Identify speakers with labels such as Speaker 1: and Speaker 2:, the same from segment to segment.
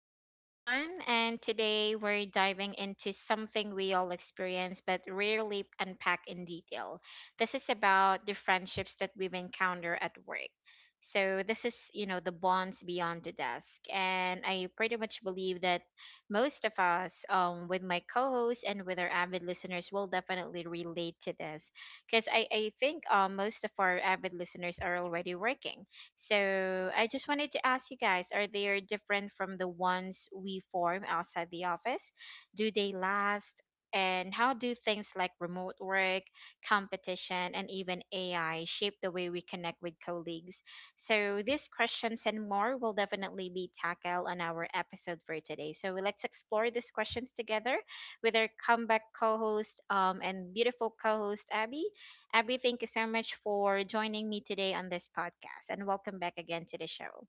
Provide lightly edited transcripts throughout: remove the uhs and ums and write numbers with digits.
Speaker 1: show, everyone. And today we're diving into something we all experience but rarely unpack in detail. This is about the friendships that we've encountered at work. So this is, you know, the bonds beyond the desk. And I pretty much believe that most of us, with my co hosts and with our avid listeners, will definitely relate to this. Because I think most of our avid listeners are already working, so I just wanted to ask you guys, are they different from the ones we form outside the office? Do they last? And how do things like remote work, competition, and even AI shape the way we connect with colleagues? So these questions and more will definitely be tackled on our episode for today. So let's explore these questions together with our comeback co-host and beautiful co-host Abby. Abby, thank you so much for joining me today on this podcast and welcome back again to the show.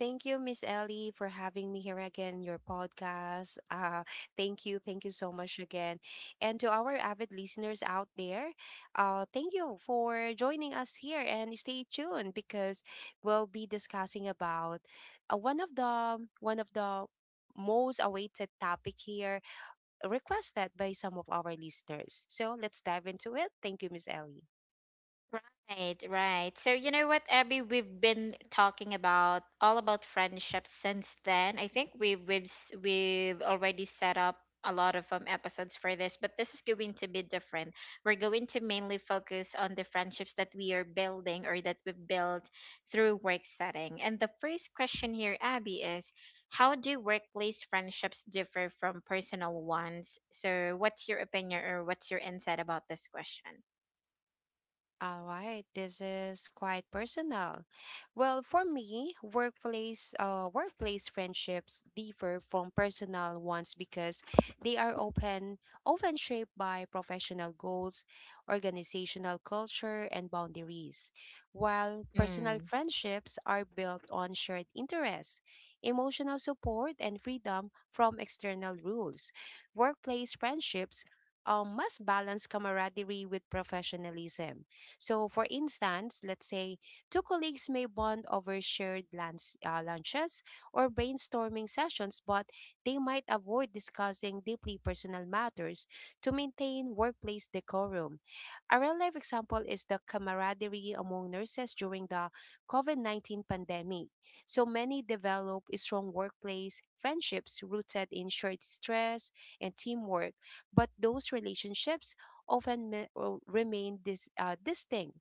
Speaker 2: Thank you, Miss Ellie, for having me here again in your podcast. Thank you so much again. And to our avid listeners out there, thank you for joining us here and stay tuned because we'll be discussing about one of the most awaited topic here requested by some of our listeners. So let's dive into it. Thank you, Miss Ellie.
Speaker 1: Right, right. So you know what, Abby, we've been talking about all about friendship since then. I think we've already set up a lot of episodes for this, but this is going to be different. We're going to mainly focus on the friendships that we are building or that we've built through work setting. And the first question here, Abby, is how do workplace friendships differ from personal ones? So what's your opinion or what's your insight about this question?
Speaker 2: All right, this is quite personal. Well, for me, workplace friendships differ from personal ones because they are open, often shaped by professional goals, organizational culture, and boundaries. While personal
Speaker 1: Mm,
Speaker 2: friendships are built on shared interests, emotional support, and freedom from external rules. Workplace friendships must balance camaraderie with professionalism. So, for instance, let's say two colleagues may bond over shared lunches or brainstorming sessions, but they might avoid discussing deeply personal matters to maintain workplace decorum. A real life example is the camaraderie among nurses during the COVID 19 pandemic. So many develop strong workplace friendships rooted in shared stress and teamwork, but those relationships often remain distinct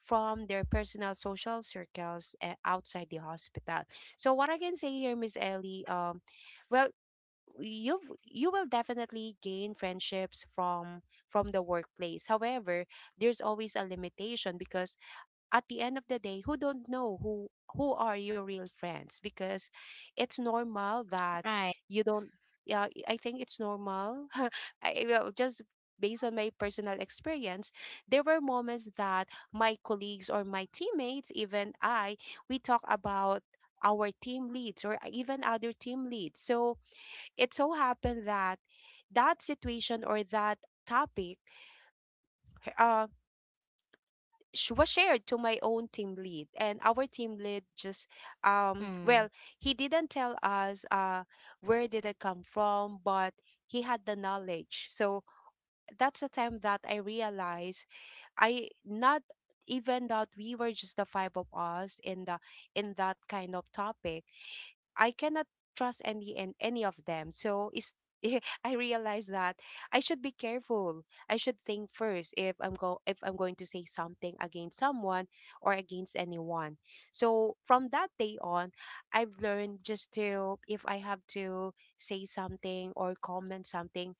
Speaker 2: from their personal social circles outside the hospital. So what I can say here, Miss Ellie, well, you will definitely gain friendships from the workplace. However, there's always a limitation because at the end of the day, who don't know who are your real friends, because it's normal that
Speaker 1: right.
Speaker 2: you don't. Yeah, I think it's normal. Well, just based on my personal experience, there were moments that my colleagues or my teammates, even I we talk about our team leads or even other team leads. So it so happened that that situation or that topic uh, was shared to my own team lead, and our team lead just
Speaker 1: Mm.
Speaker 2: well, he didn't tell us where did it come from, but he had the knowledge. So that's the time that I realized, I not even that we were just the five of us in the in that kind of topic, I cannot trust any and any of them. So is I realize that I should be careful. I should think first if I'm go if I'm going to say something against someone or against anyone. So from that day on, I've learned just to, if I have to say something or comment something,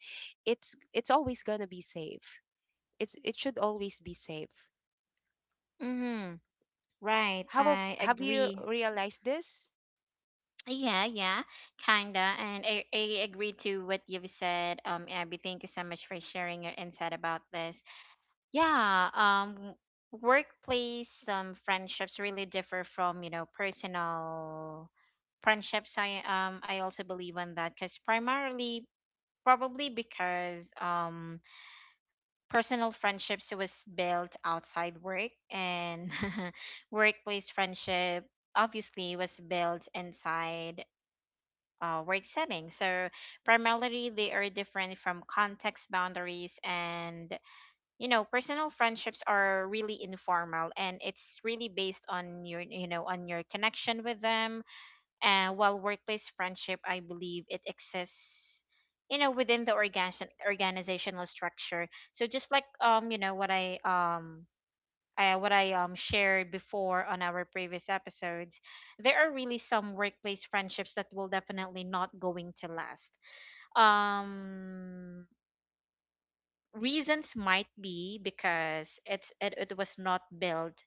Speaker 2: it's always gonna be safe. It should always be safe.
Speaker 1: Mm-hmm. Right.
Speaker 2: How
Speaker 1: I
Speaker 2: have you
Speaker 1: agree.
Speaker 2: realized this?
Speaker 1: Yeah, yeah, kinda. And I agree to what you've said. Abby, thank you so much for sharing your insight about this. Yeah, workplace friendships really differ from, you know, personal friendships. I also believe on that because primarily, probably because personal friendships was built outside work, and workplace friendship obviously was built inside work setting. So primarily they are different from context boundaries, and you know, personal friendships are really informal and it's really based on your, you know, on your connection with them. And while workplace friendship, I believe it exists, you know, within the organization organizational structure. So just like you know, what I shared before on our previous episodes, there are really some workplace friendships that will definitely not going to last. Um Reasons might be because it was not built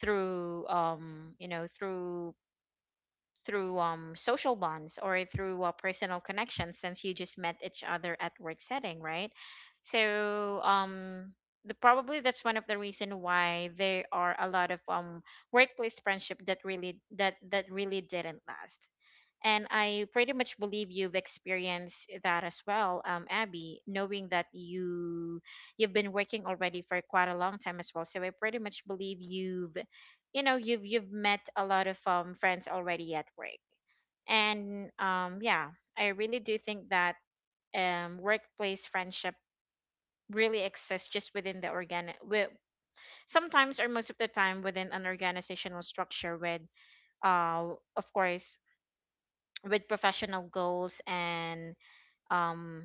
Speaker 1: through you know, through social bonds or through personal connections, since you just met each other at work setting, right? So the, probably that's one of the reason why there are a lot of workplace friendship that really that that really didn't last. And I pretty much believe you've experienced that as well, Abby, knowing that you've been working already for quite a long time as well. So I pretty much believe you've, you know, you've met a lot of friends already at work. And yeah, I really do think that workplace friendship really exists just within the organic, with, sometimes or most of the time within an organizational structure with, uh, of course, with professional goals, and um,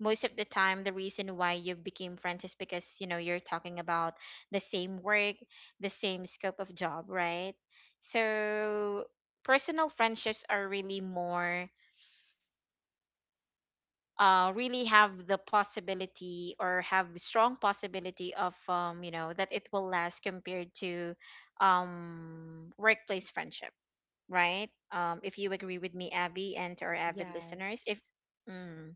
Speaker 1: most of the time the reason why you became friends is because, you know, you're talking about the same work, the same scope of job, right? So personal friendships are really more really have the possibility or have strong possibility of you know, that it will last compared to workplace friendship, right? If you agree with me, Abby, and to our avid listeners, if
Speaker 2: Yes.
Speaker 1: mm.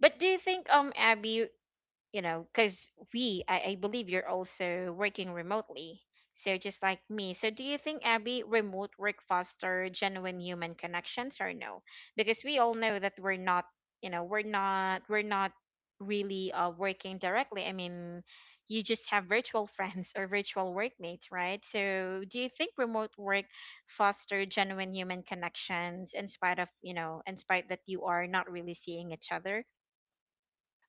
Speaker 1: But do you think, Abby, you know, because we, I believe you're also working remotely. So just like me. So do you think, Abby, remote work foster genuine human connections or no? Because we all know that we're not, you know, we're not really working directly. I mean, you just have virtual friends or virtual workmates, right? So do you think remote work foster genuine human connections in spite of, you know, in spite that you are not really seeing each other?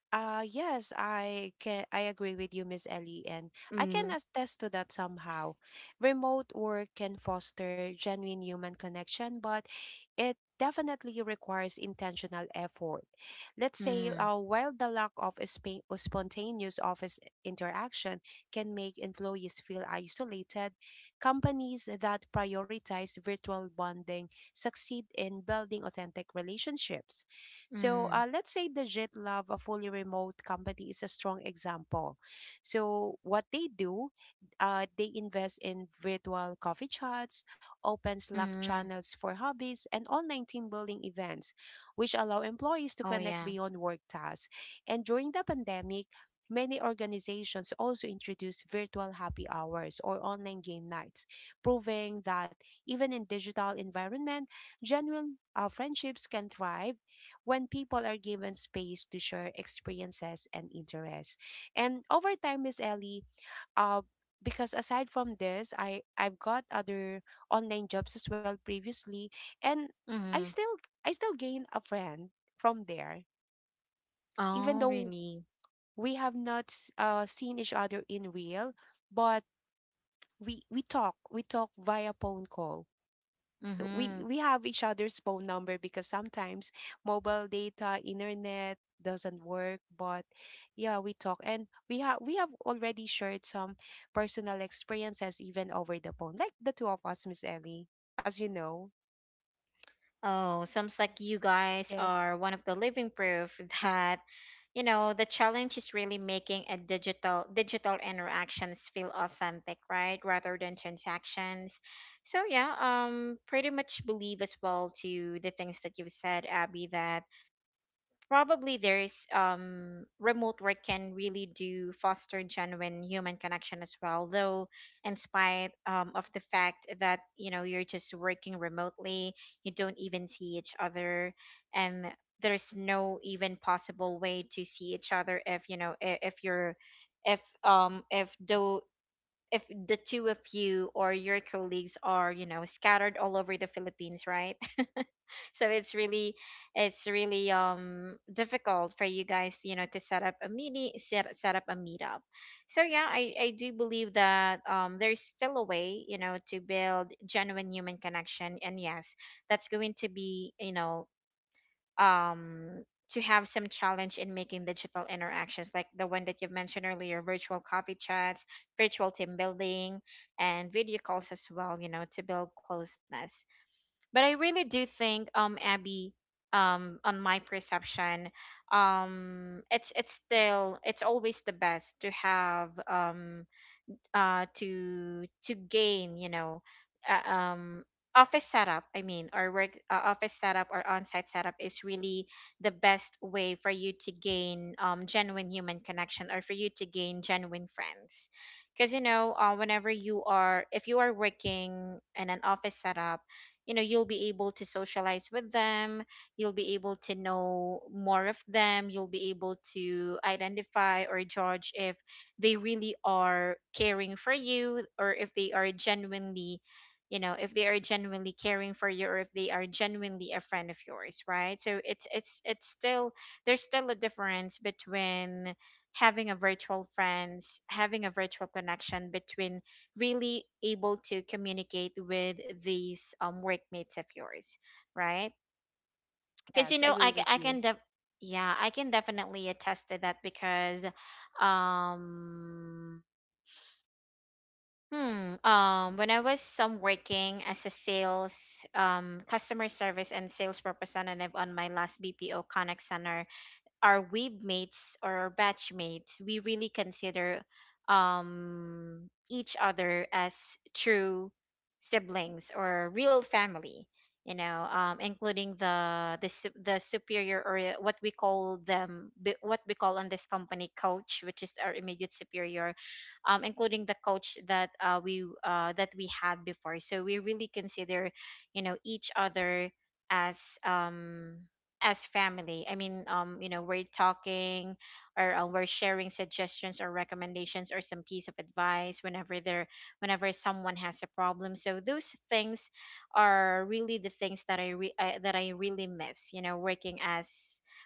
Speaker 2: Yes, I agree with you, Miss Ellie, and I can
Speaker 1: Mm.
Speaker 2: attest to that somehow. Remote work can foster genuine human connection, but it definitely requires intentional effort. Let's say, while the lack of a spontaneous office interaction can make employees feel isolated, companies that prioritize virtual bonding succeed in building authentic relationships. So,
Speaker 1: Mm-hmm.
Speaker 2: let's say the JetLab, a fully remote company, is a strong example. So, what they do, they invest in virtual coffee chats, open Slack
Speaker 1: Mm.
Speaker 2: channels for hobbies, and online team building events, which allow employees to
Speaker 1: Oh
Speaker 2: connect
Speaker 1: yeah.
Speaker 2: beyond work tasks. And during the pandemic, many organizations also introduced virtual happy hours or online game nights, proving that even in digital environment, genuine friendships can thrive when people are given space to share experiences and interests. And over time, Miss Ellie, uh, because aside from this, I've got other online jobs as well previously, and I
Speaker 1: Mm.
Speaker 2: still I still gain a friend from there, even
Speaker 1: Oh
Speaker 2: though
Speaker 1: really?
Speaker 2: we have not seen each other in real, but we talk via phone call, so we
Speaker 1: Mm-hmm.
Speaker 2: we have each other's phone number because sometimes mobile data, internet doesn't work, but yeah, we talk, and we have already shared some personal experiences even over the phone, like the two of us, Miss Ellie, as you know.
Speaker 1: Oh, sounds like you guys
Speaker 2: Yes.
Speaker 1: are one of the living proof that, you know, the challenge is really making a digital interactions feel authentic, right? Rather than transactions. So yeah, pretty much believe as well to the things that you've said, Abby, that probably there's remote work can really do foster genuine human connection as well, though in spite of the fact that, you know, you're just working remotely, you don't even see each other. And there's no even possible way to see each other if, you know, if you're, if though, if the two of you or your colleagues are, you know, scattered all over the Philippines, right? So it's really, it's really difficult for you guys, you know, to set up a meeting, set up a meetup. So yeah, I do believe that there's still a way, you know, to build genuine human connection. And yes, that's going to be, you know, um to have some challenge in making digital interactions, like the one that you mentioned earlier, virtual coffee chats, virtual team building, and video calls as well, you know, to build closeness. But I really do think Abby, on my perception, it's still, it's always the best to have to gain, you know, uh, um office setup, I mean, or work office setup or on-site setup is really the best way for you to gain genuine human connection or for you to gain genuine friends. Because, you know, whenever you are, if you are working in an office setup, you know, you'll be able to socialize with them, you'll be able to know more of them, you'll be able to identify or judge if they really are caring for you or if they are genuinely, you know, if they are genuinely caring for you or if they are genuinely a friend of yours, right? So it's still, there's still a difference between having a virtual friends, having a virtual connection, between really able to communicate with these workmates of yours, right? Because, you
Speaker 2: Yes,
Speaker 1: know,
Speaker 2: agree with
Speaker 1: I
Speaker 2: you.
Speaker 1: can def- yeah, I can definitely attest to that because um Hmm. When I was some working as a sales, customer service and sales representative on my last BPO Connect Center, our wave mates or our batch mates, we really consider each other as true siblings or real family. You know, including the superior or what we call them, what we call on this company coach, which is our immediate superior, including the coach that we that we had before. So we really consider, you know, each other as um as family. I mean, you know, we're talking or we're sharing suggestions or recommendations or some piece of advice whenever there, whenever someone has a problem. So those things are really the things that that I really miss. You know, working as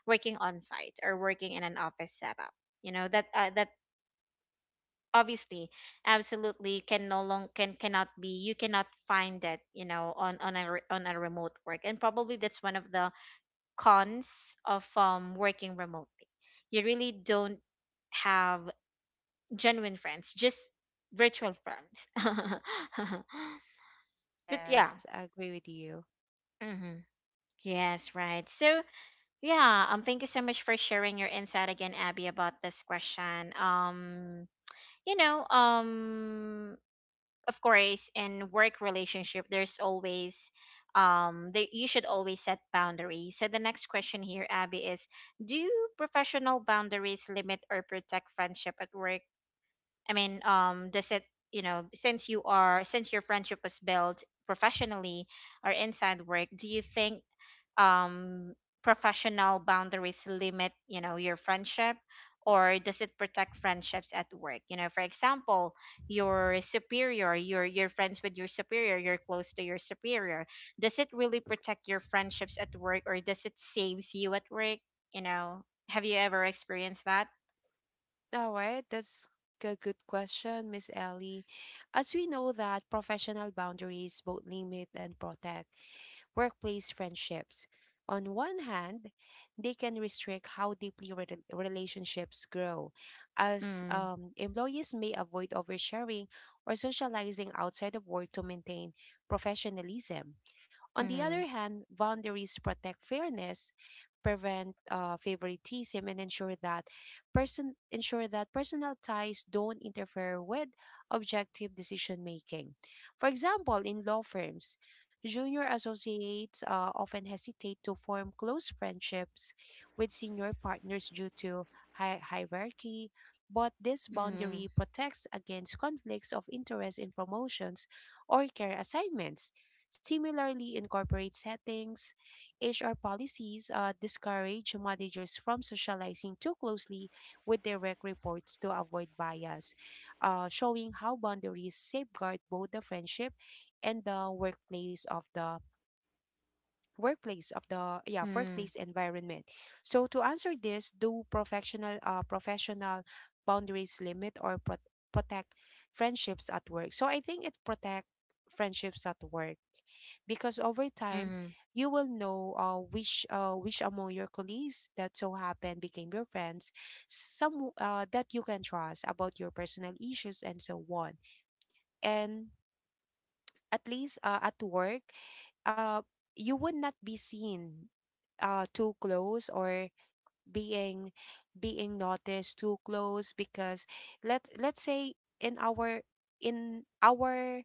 Speaker 1: working on site or working in an office setup. You know that that obviously absolutely cannot be, you cannot find that, you know, on on a remote work. And probably that's one of the cons of working remotely. You really don't have genuine friends, just virtual friends. But yeah.
Speaker 2: Yes, I agree with you.
Speaker 1: Hmm. Yes, right. So yeah, thank you so much for sharing your insight again, Abby, about this question. You know, of course in work relationship there's always you should always set boundaries. So the next question here, Abby, is do professional boundaries limit or protect friendship at work? I mean, does it, you know, since you are, since your friendship was built professionally or inside work, do you think um, professional boundaries limit, you know, your friendship, or does it protect friendships at work? You know, for example, your superior, your friends with your superior, you're close to your superior, does it really protect your friendships at work or does it saves you at work, you know? Have you ever experienced that?
Speaker 2: All right, that's a good question, Miss Ellie. As we know that professional boundaries both limit and protect workplace friendships. On one hand, they can restrict how deeply relationships grow, as
Speaker 1: Mm,
Speaker 2: employees may avoid oversharing or socializing outside of work to maintain professionalism. On the other
Speaker 1: mm,
Speaker 2: hand, boundaries protect fairness, prevent favoritism, and ensure that personal ties don't interfere with objective decision making. For example, in law firms, junior associates often hesitate to form close friendships with senior partners due to hierarchy. But this
Speaker 1: mm,
Speaker 2: boundary protects against conflicts of interest in promotions or care assignments. Similarly, in corporate settings, HR policies discourage managers from socializing too closely with direct reports to avoid bias, showing how boundaries safeguard both the friendship and the yeah,
Speaker 1: mm,
Speaker 2: workplace environment. So to answer this, do professional boundaries limit or protect friendships at work? So I think it protect friendships at work because over time,
Speaker 1: mm,
Speaker 2: you will know which among your colleagues that so happened became your friends, some that you can trust about your personal issues and so on, and at least, at work, uh, you would not be seen too close, or being being noticed too close, because let's say, in our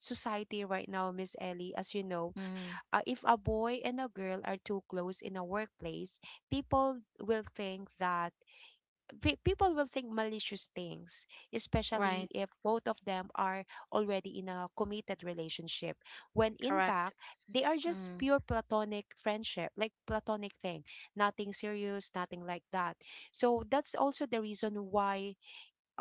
Speaker 2: society right now, Miss Ellie, as you know,
Speaker 1: mm,
Speaker 2: if a boy and a girl are too close in a workplace, people will think that people will think malicious things, especially
Speaker 1: right.
Speaker 2: if both of them are already in a committed relationship, when in
Speaker 1: Correct.
Speaker 2: fact, they are just
Speaker 1: Mm,
Speaker 2: pure platonic friendship, like platonic thing, nothing serious, nothing like that. So that's also the reason why.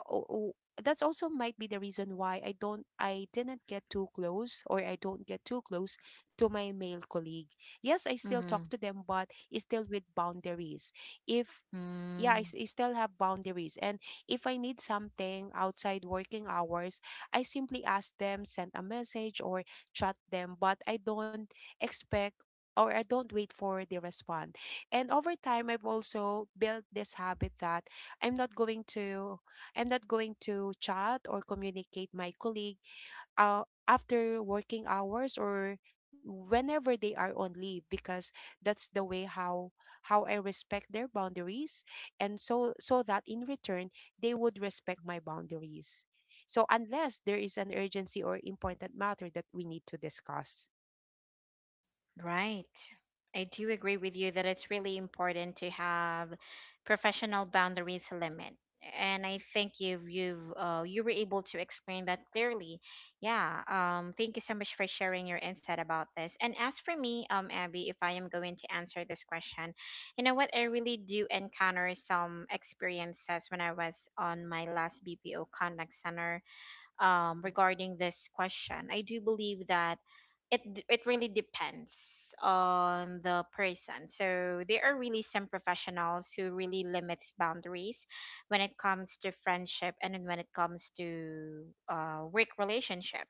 Speaker 2: o- o- that's also might be the reason why I didn't get too close, or I don't get too close to my male colleague. Yes, I still talk
Speaker 1: mm,
Speaker 2: to them, but it's still with boundaries. If Yeah, I,
Speaker 1: mm.
Speaker 2: s- I still have boundaries. And if I need something outside working hours, I simply ask them, send a message, or chat them. But I don't expect, or I don't wait for the respond. And over time, I've also built this habit that I'm not going to I'm not going to chat or communicate my colleague after working hours or whenever they are on leave, because that's the way how I respect their boundaries, and so that in return they would respect my boundaries. So unless there is an urgency or important matter that we need to discuss.
Speaker 1: Right. I do agree with you that it's really important to have professional boundaries limit. And I think you were able to explain that clearly. Yeah. Thank you so much for sharing your insight about this. And as for me, Abby, if I am going to answer this question, you know what? I really do encounter some experiences when I was on my last BPO contact center.
Speaker 2: Mm,
Speaker 1: Regarding this question, I do believe that it really depends on the person. So there are really some professionals who really limits boundaries when it comes to friendship, and then when it comes to work relationship.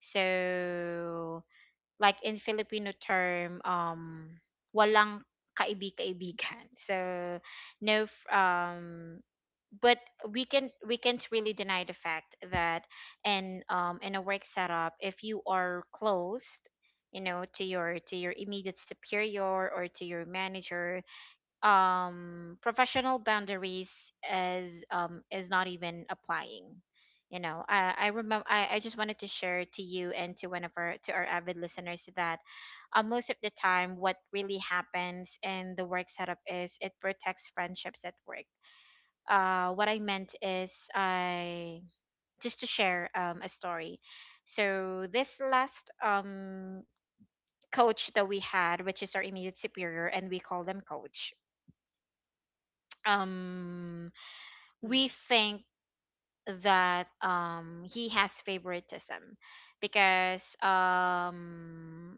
Speaker 1: So like in Filipino term, walang kaibig-kaibigan. So no, f- but we can't really deny the fact that in a work setup, if you are closed, you know, to your immediate superior or to your manager, um, professional boundaries as is not even applying, you know. I just wanted to share to you and to one of our to our avid listeners that most of the time what really happens in the work setup is it protects friendships at work. What I meant is, I just to share a story. So this last coach that we had, which is our immediate superior, and we call them coach, um
Speaker 2: mm,
Speaker 1: we think that he has favoritism because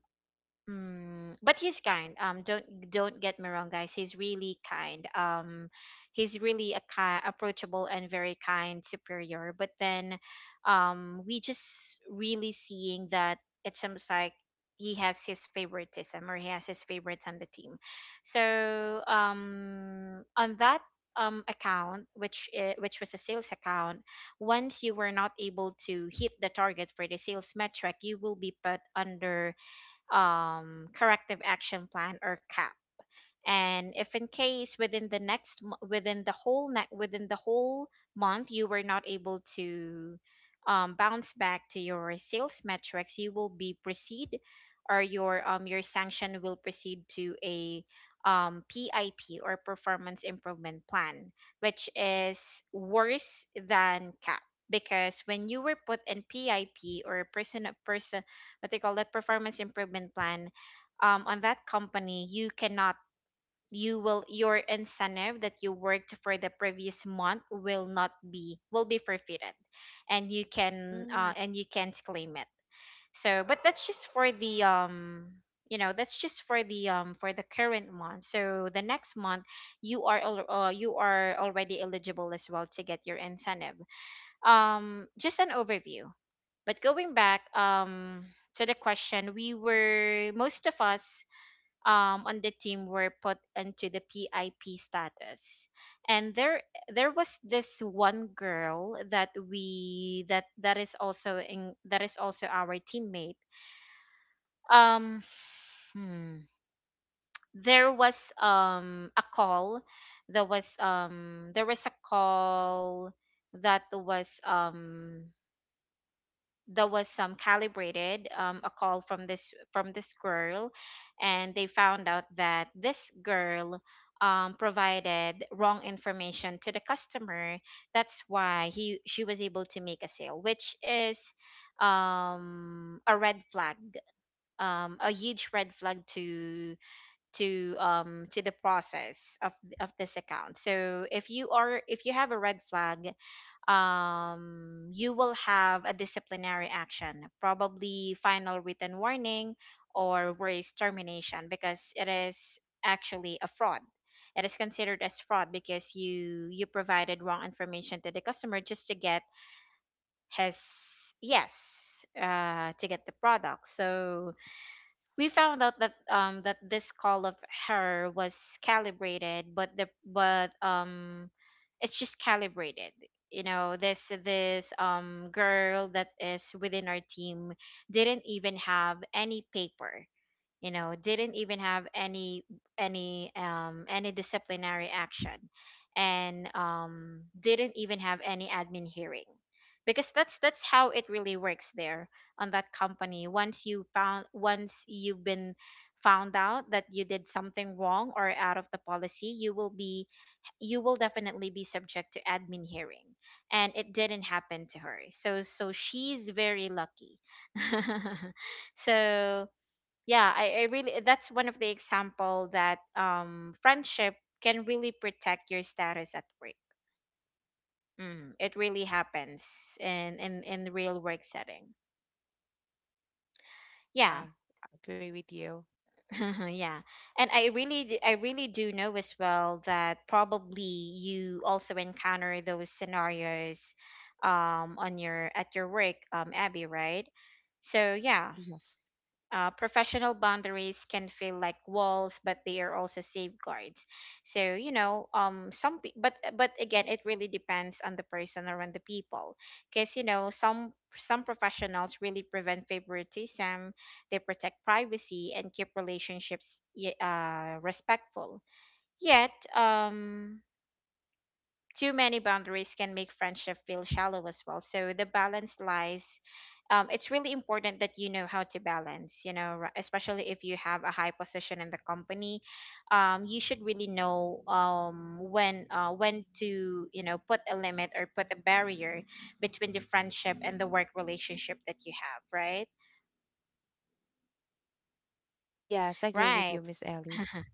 Speaker 1: mm, but he's kind. Don't get me wrong, guys. He's really kind. He's really a kind, approachable, and very kind superior. But then, we just really seeing that it seems like he has his favoritism, or he has his favorites on the team. So, on that account, which was a sales account, once you were not able to hit the target for the sales metric, you will be put under, corrective action plan, or CAP. And if in case within the within the within the whole month you were not able to, bounce back to your sales metrics, you will be proceed, or your sanction will proceed to a, PIP, or performance improvement plan, which is worse than CAP. Because when you were put in PIP, or person, what they call that performance improvement plan, on that company you cannot, your incentive that you worked for the previous month will not be will be forfeited, and
Speaker 2: mm.
Speaker 1: you can't claim it. So but that's just for the, you know, that's just for the, for the current month. So the next month you are you are already eligible as well to get your incentive. Just an overview. But going back, to the question, we were, most of us, on the team, were put into the PIP status, and there was this one girl that we that that is also in, that is also our teammate. Um, hmm, there was a call, there was a call that was um that was some calibrated, a call from this girl, and they found out that this girl, provided wrong information to the customer. That's why he she was able to make a sale, which is a red flag, a huge red flag to, to the process of this account. So if you are, if you have a red flag, you will have a disciplinary action, probably final written warning, or worse, termination, because it is actually a fraud. It is considered as fraud because you provided wrong information to the customer just to get his, yes, to get the product. So
Speaker 2: Yeah,
Speaker 1: we found out that that this call of her was calibrated, but the but it's just calibrated. You know, this girl that is within our team didn't even have any paper, you know, didn't even have any, any disciplinary action, and didn't even have any admin hearing. Because that's how it really works there, on that company. Once you found once you've been found out that you did something wrong or out of the policy, you will be, you will definitely be subject to admin hearing. And it didn't happen to her, so so she's very lucky. So yeah, I really, that's one of the example that friendship can really protect your status at work. Mm, it really happens in real work setting. Yeah.
Speaker 2: yeah, I agree with you.
Speaker 1: Yeah. And I really do know as well that probably you also encounter those scenarios on your, at your work, Abby, right? So yeah.
Speaker 2: Yes.
Speaker 1: Professional boundaries can feel like walls, but they are also safeguards. So you know, some but again, it really depends on the person or on the people. Because you know, some professionals really prevent favoritism, they protect privacy and keep relationships respectful. Yet, too many boundaries can make friendship feel shallow as well. So the balance lies. It's really important that you know how to balance. You know, especially if you have a high position in the company, you should really know, when, when to, you know, put a limit or put a barrier between the friendship and the work relationship that you have. Right.
Speaker 2: Yes, I agree with you,
Speaker 1: Right.
Speaker 2: Miss Ellie.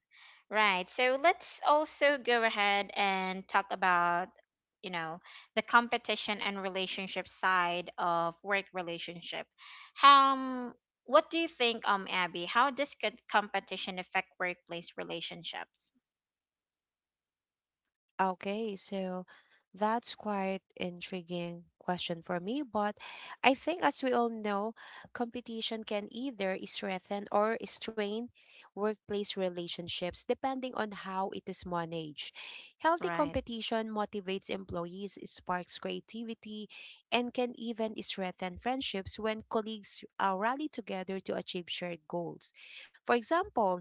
Speaker 1: Right. So let's also go ahead and talk about, you know, the competition and relationship side of work relationship. um what do you think, Abby, how does competition affect workplace relationships?
Speaker 2: Okay, so that's quite intriguing question for me, but I think as we all know, competition can either strengthen or strain workplace relationships depending on how it is
Speaker 1: Correct.
Speaker 2: managed. Healthy
Speaker 1: Right.
Speaker 2: competition motivates employees, sparks creativity, and can even strengthen friendships when colleagues rally together to achieve shared goals. For example,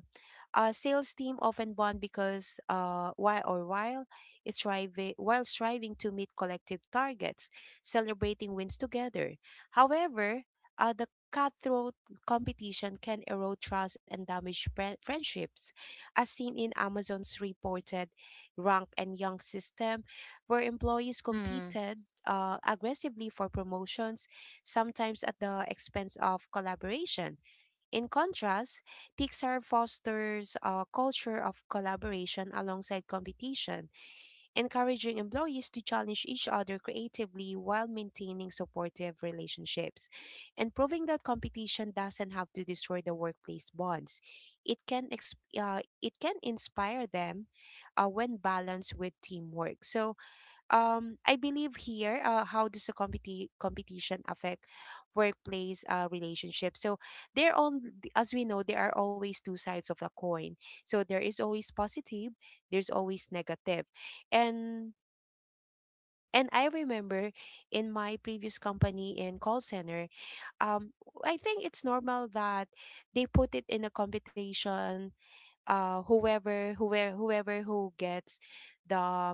Speaker 2: a sales team often bond because why or while striving to meet collective targets, celebrating wins together. However, the cutthroat competition can erode trust and damage friendships, as seen in Amazon's reported rank and young system, where employees
Speaker 1: Hmm.
Speaker 2: competed aggressively for promotions, sometimes at the expense of collaboration. In contrast, Pixar fosters a culture of collaboration alongside competition, encouraging employees to challenge each other creatively while maintaining supportive relationships, and proving that competition doesn't have to destroy the workplace bonds. It can inspire them when balanced with teamwork. So, I believe here, how does the competition affect workplace relationships? So they're on, as we know, there are always two sides of the coin. So there is always positive, there's always negative. And and I remember in my previous company in call center, um I think it's normal that they put it in a competition. Whoever who gets the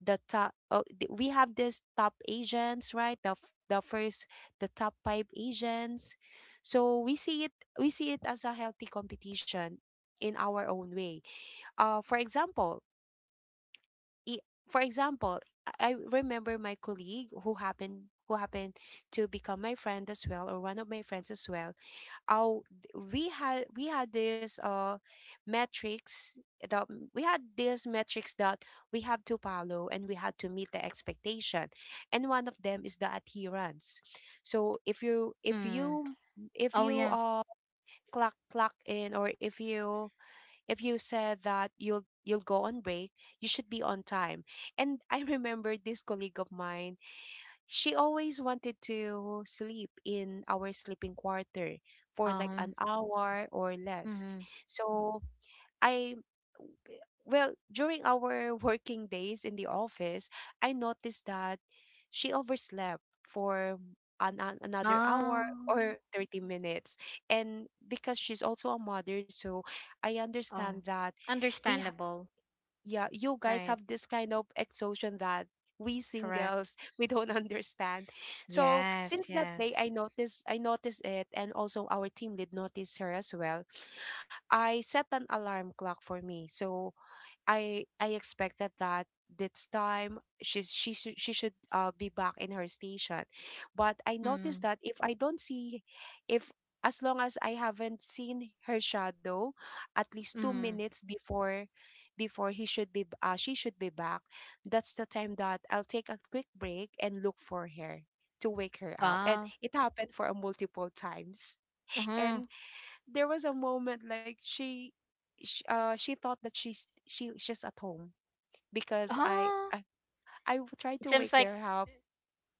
Speaker 2: the top. Oh, we have this top agents, right, the f- the first the top five agents. So we see it as a healthy competition in our own way. For example, i- for example, I I remember my colleague who happened to become my friend as well, or one of my friends as well. Oh, we had this metrics that we had this metrics that we have to follow, and we had to meet the expectation. And one of them is the adherence. So if you if
Speaker 1: Hmm.
Speaker 2: you if
Speaker 1: Oh
Speaker 2: you
Speaker 1: yeah.
Speaker 2: uh clock in, or if you said that you'll go on break, you should be on time. And I remember this colleague of mine, she always wanted to sleep in our sleeping quarter for like
Speaker 1: Uh-huh.
Speaker 2: an hour or less.
Speaker 1: Hmm.
Speaker 2: So, I well, during our working days in the office, I noticed that she overslept for another
Speaker 1: Oh.
Speaker 2: hour or 30 minutes. And because she's also a mother, so I
Speaker 1: Oh,
Speaker 2: understand that we, ha-
Speaker 1: understandable.
Speaker 2: yeah, you guys
Speaker 1: Right.
Speaker 2: have this kind of exhaustion that we
Speaker 1: Correct.
Speaker 2: singles, we don't understand. So
Speaker 1: Yes,
Speaker 2: since that
Speaker 1: yes.
Speaker 2: day, I noticed it, and also our team did notice her as well. I set an alarm clock for me, so I expected that this time she should be back in her station. But I noticed
Speaker 1: Hmm.
Speaker 2: that, if I don't see, if as long as I haven't seen her shadow, at least two
Speaker 1: Hmm.
Speaker 2: minutes before he should be b- she should be back, that's the time that I'll take a quick break and look for her to wake her up, and
Speaker 1: Ah.
Speaker 2: it happened for a multiple times.
Speaker 1: Uh-huh.
Speaker 2: And there was a moment like she thought that she's at home because I
Speaker 1: uh
Speaker 2: I, I w- tried
Speaker 1: it
Speaker 2: to
Speaker 1: seems
Speaker 2: wake
Speaker 1: like,
Speaker 2: her up.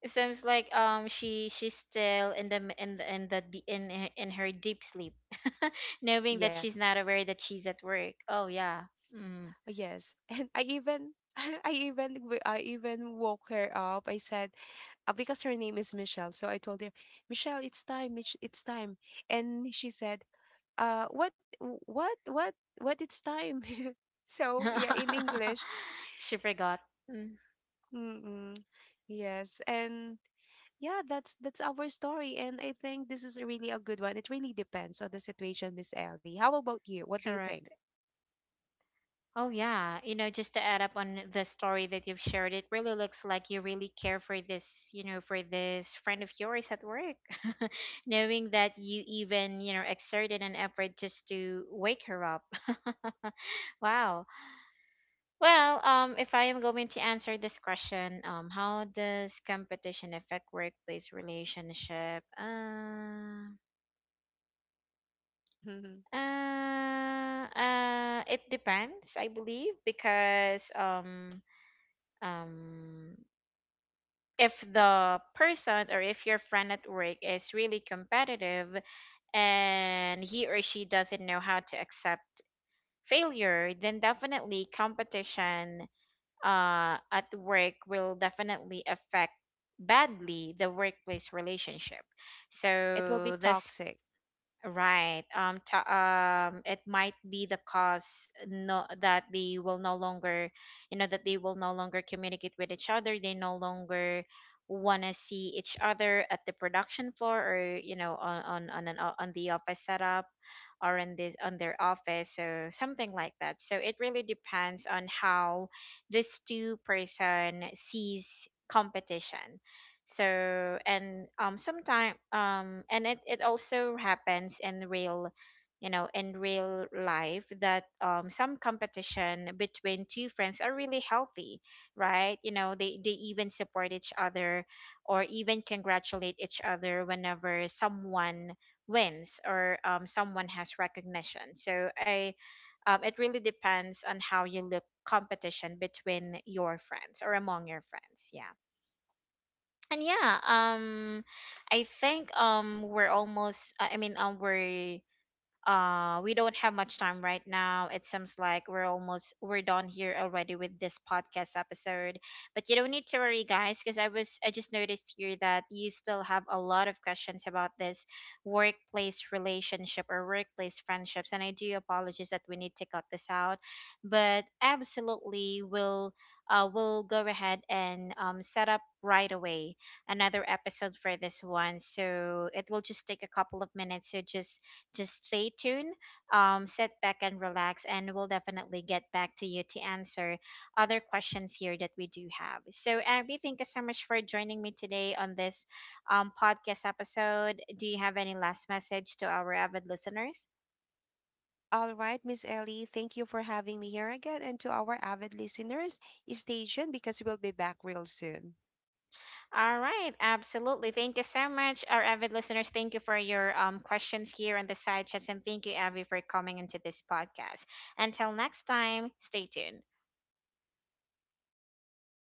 Speaker 1: She she's still in the in the in the in her, in her deep sleep, knowing that she's
Speaker 2: Yes,
Speaker 1: not aware that she's at work. Oh yeah, mm.
Speaker 2: yes, and I even. I even woke her up. I said, because her name is Michelle, so I told her, Michelle, it's time. It's time. And she said, "Uh, what, what, what? It's time." So yeah, in English.
Speaker 1: She forgot. Mm,
Speaker 2: Mm-mm. Yes, and yeah, that's our story, and I think this is a really a good one. It really depends on the situation, Miss Ellie. How about you? What do you think?
Speaker 1: correct. Oh yeah, you know, just to add up on the story that you've shared, it really looks like you really care for this, you know, for this friend of yours at work, knowing that you even, you know, exerted an effort just to wake her up. Wow. Well, if I am going to answer this question, how does competition affect workplace relationship?
Speaker 2: Mhm.
Speaker 1: It depends, I believe, because um, if the person, or if your friend at work is really competitive, and he or she doesn't know how to accept failure, then definitely competition at work will definitely affect badly the workplace relationship.
Speaker 2: It will be
Speaker 1: So this.
Speaker 2: toxic.
Speaker 1: Right. Ta It might be the cause, no, that they will no longer, you know, that they will no longer communicate with each other. They no longer want to see each other at the production floor, or, you know, on an, on the office setup, or in this, on their office. So something like that. So it really depends on how this two-person sees competition. So and sometimes, and it also happens in real, you know, in real life, that some competition between two friends are really healthy, right? You know, they even support each other, or even congratulate each other whenever someone wins, or someone has recognition. So I it really depends on how you look competition between your friends or among your friends. Yeah. And yeah, I think, we're almost, I mean, we're, we don't have much time right now. It seems like we're almost, we're done here already with this podcast episode. But you don't need to worry, guys, because I was I just noticed here that you still have a lot of questions about this workplace relationship or workplace friendships. And I do apologize that we need to cut this out, but absolutely we'll, we'll go ahead and, set up right away another episode for this one. So it will just take a couple of minutes. So just stay tuned, sit back and relax, and we'll definitely get back to you to answer other questions here that we do have. So, Abby, thank you so much for joining me today on this, podcast episode. Do you have any last message to our avid listeners?
Speaker 2: All right, Miss Ellie, thank you for having me here again, and to our avid listeners, stay tuned because we'll be back real soon.
Speaker 1: All right, absolutely. Thank you so much, our avid listeners. Thank you for your, questions here on the side chats, and thank you, Abby, for coming into this podcast. Until next time, stay tuned.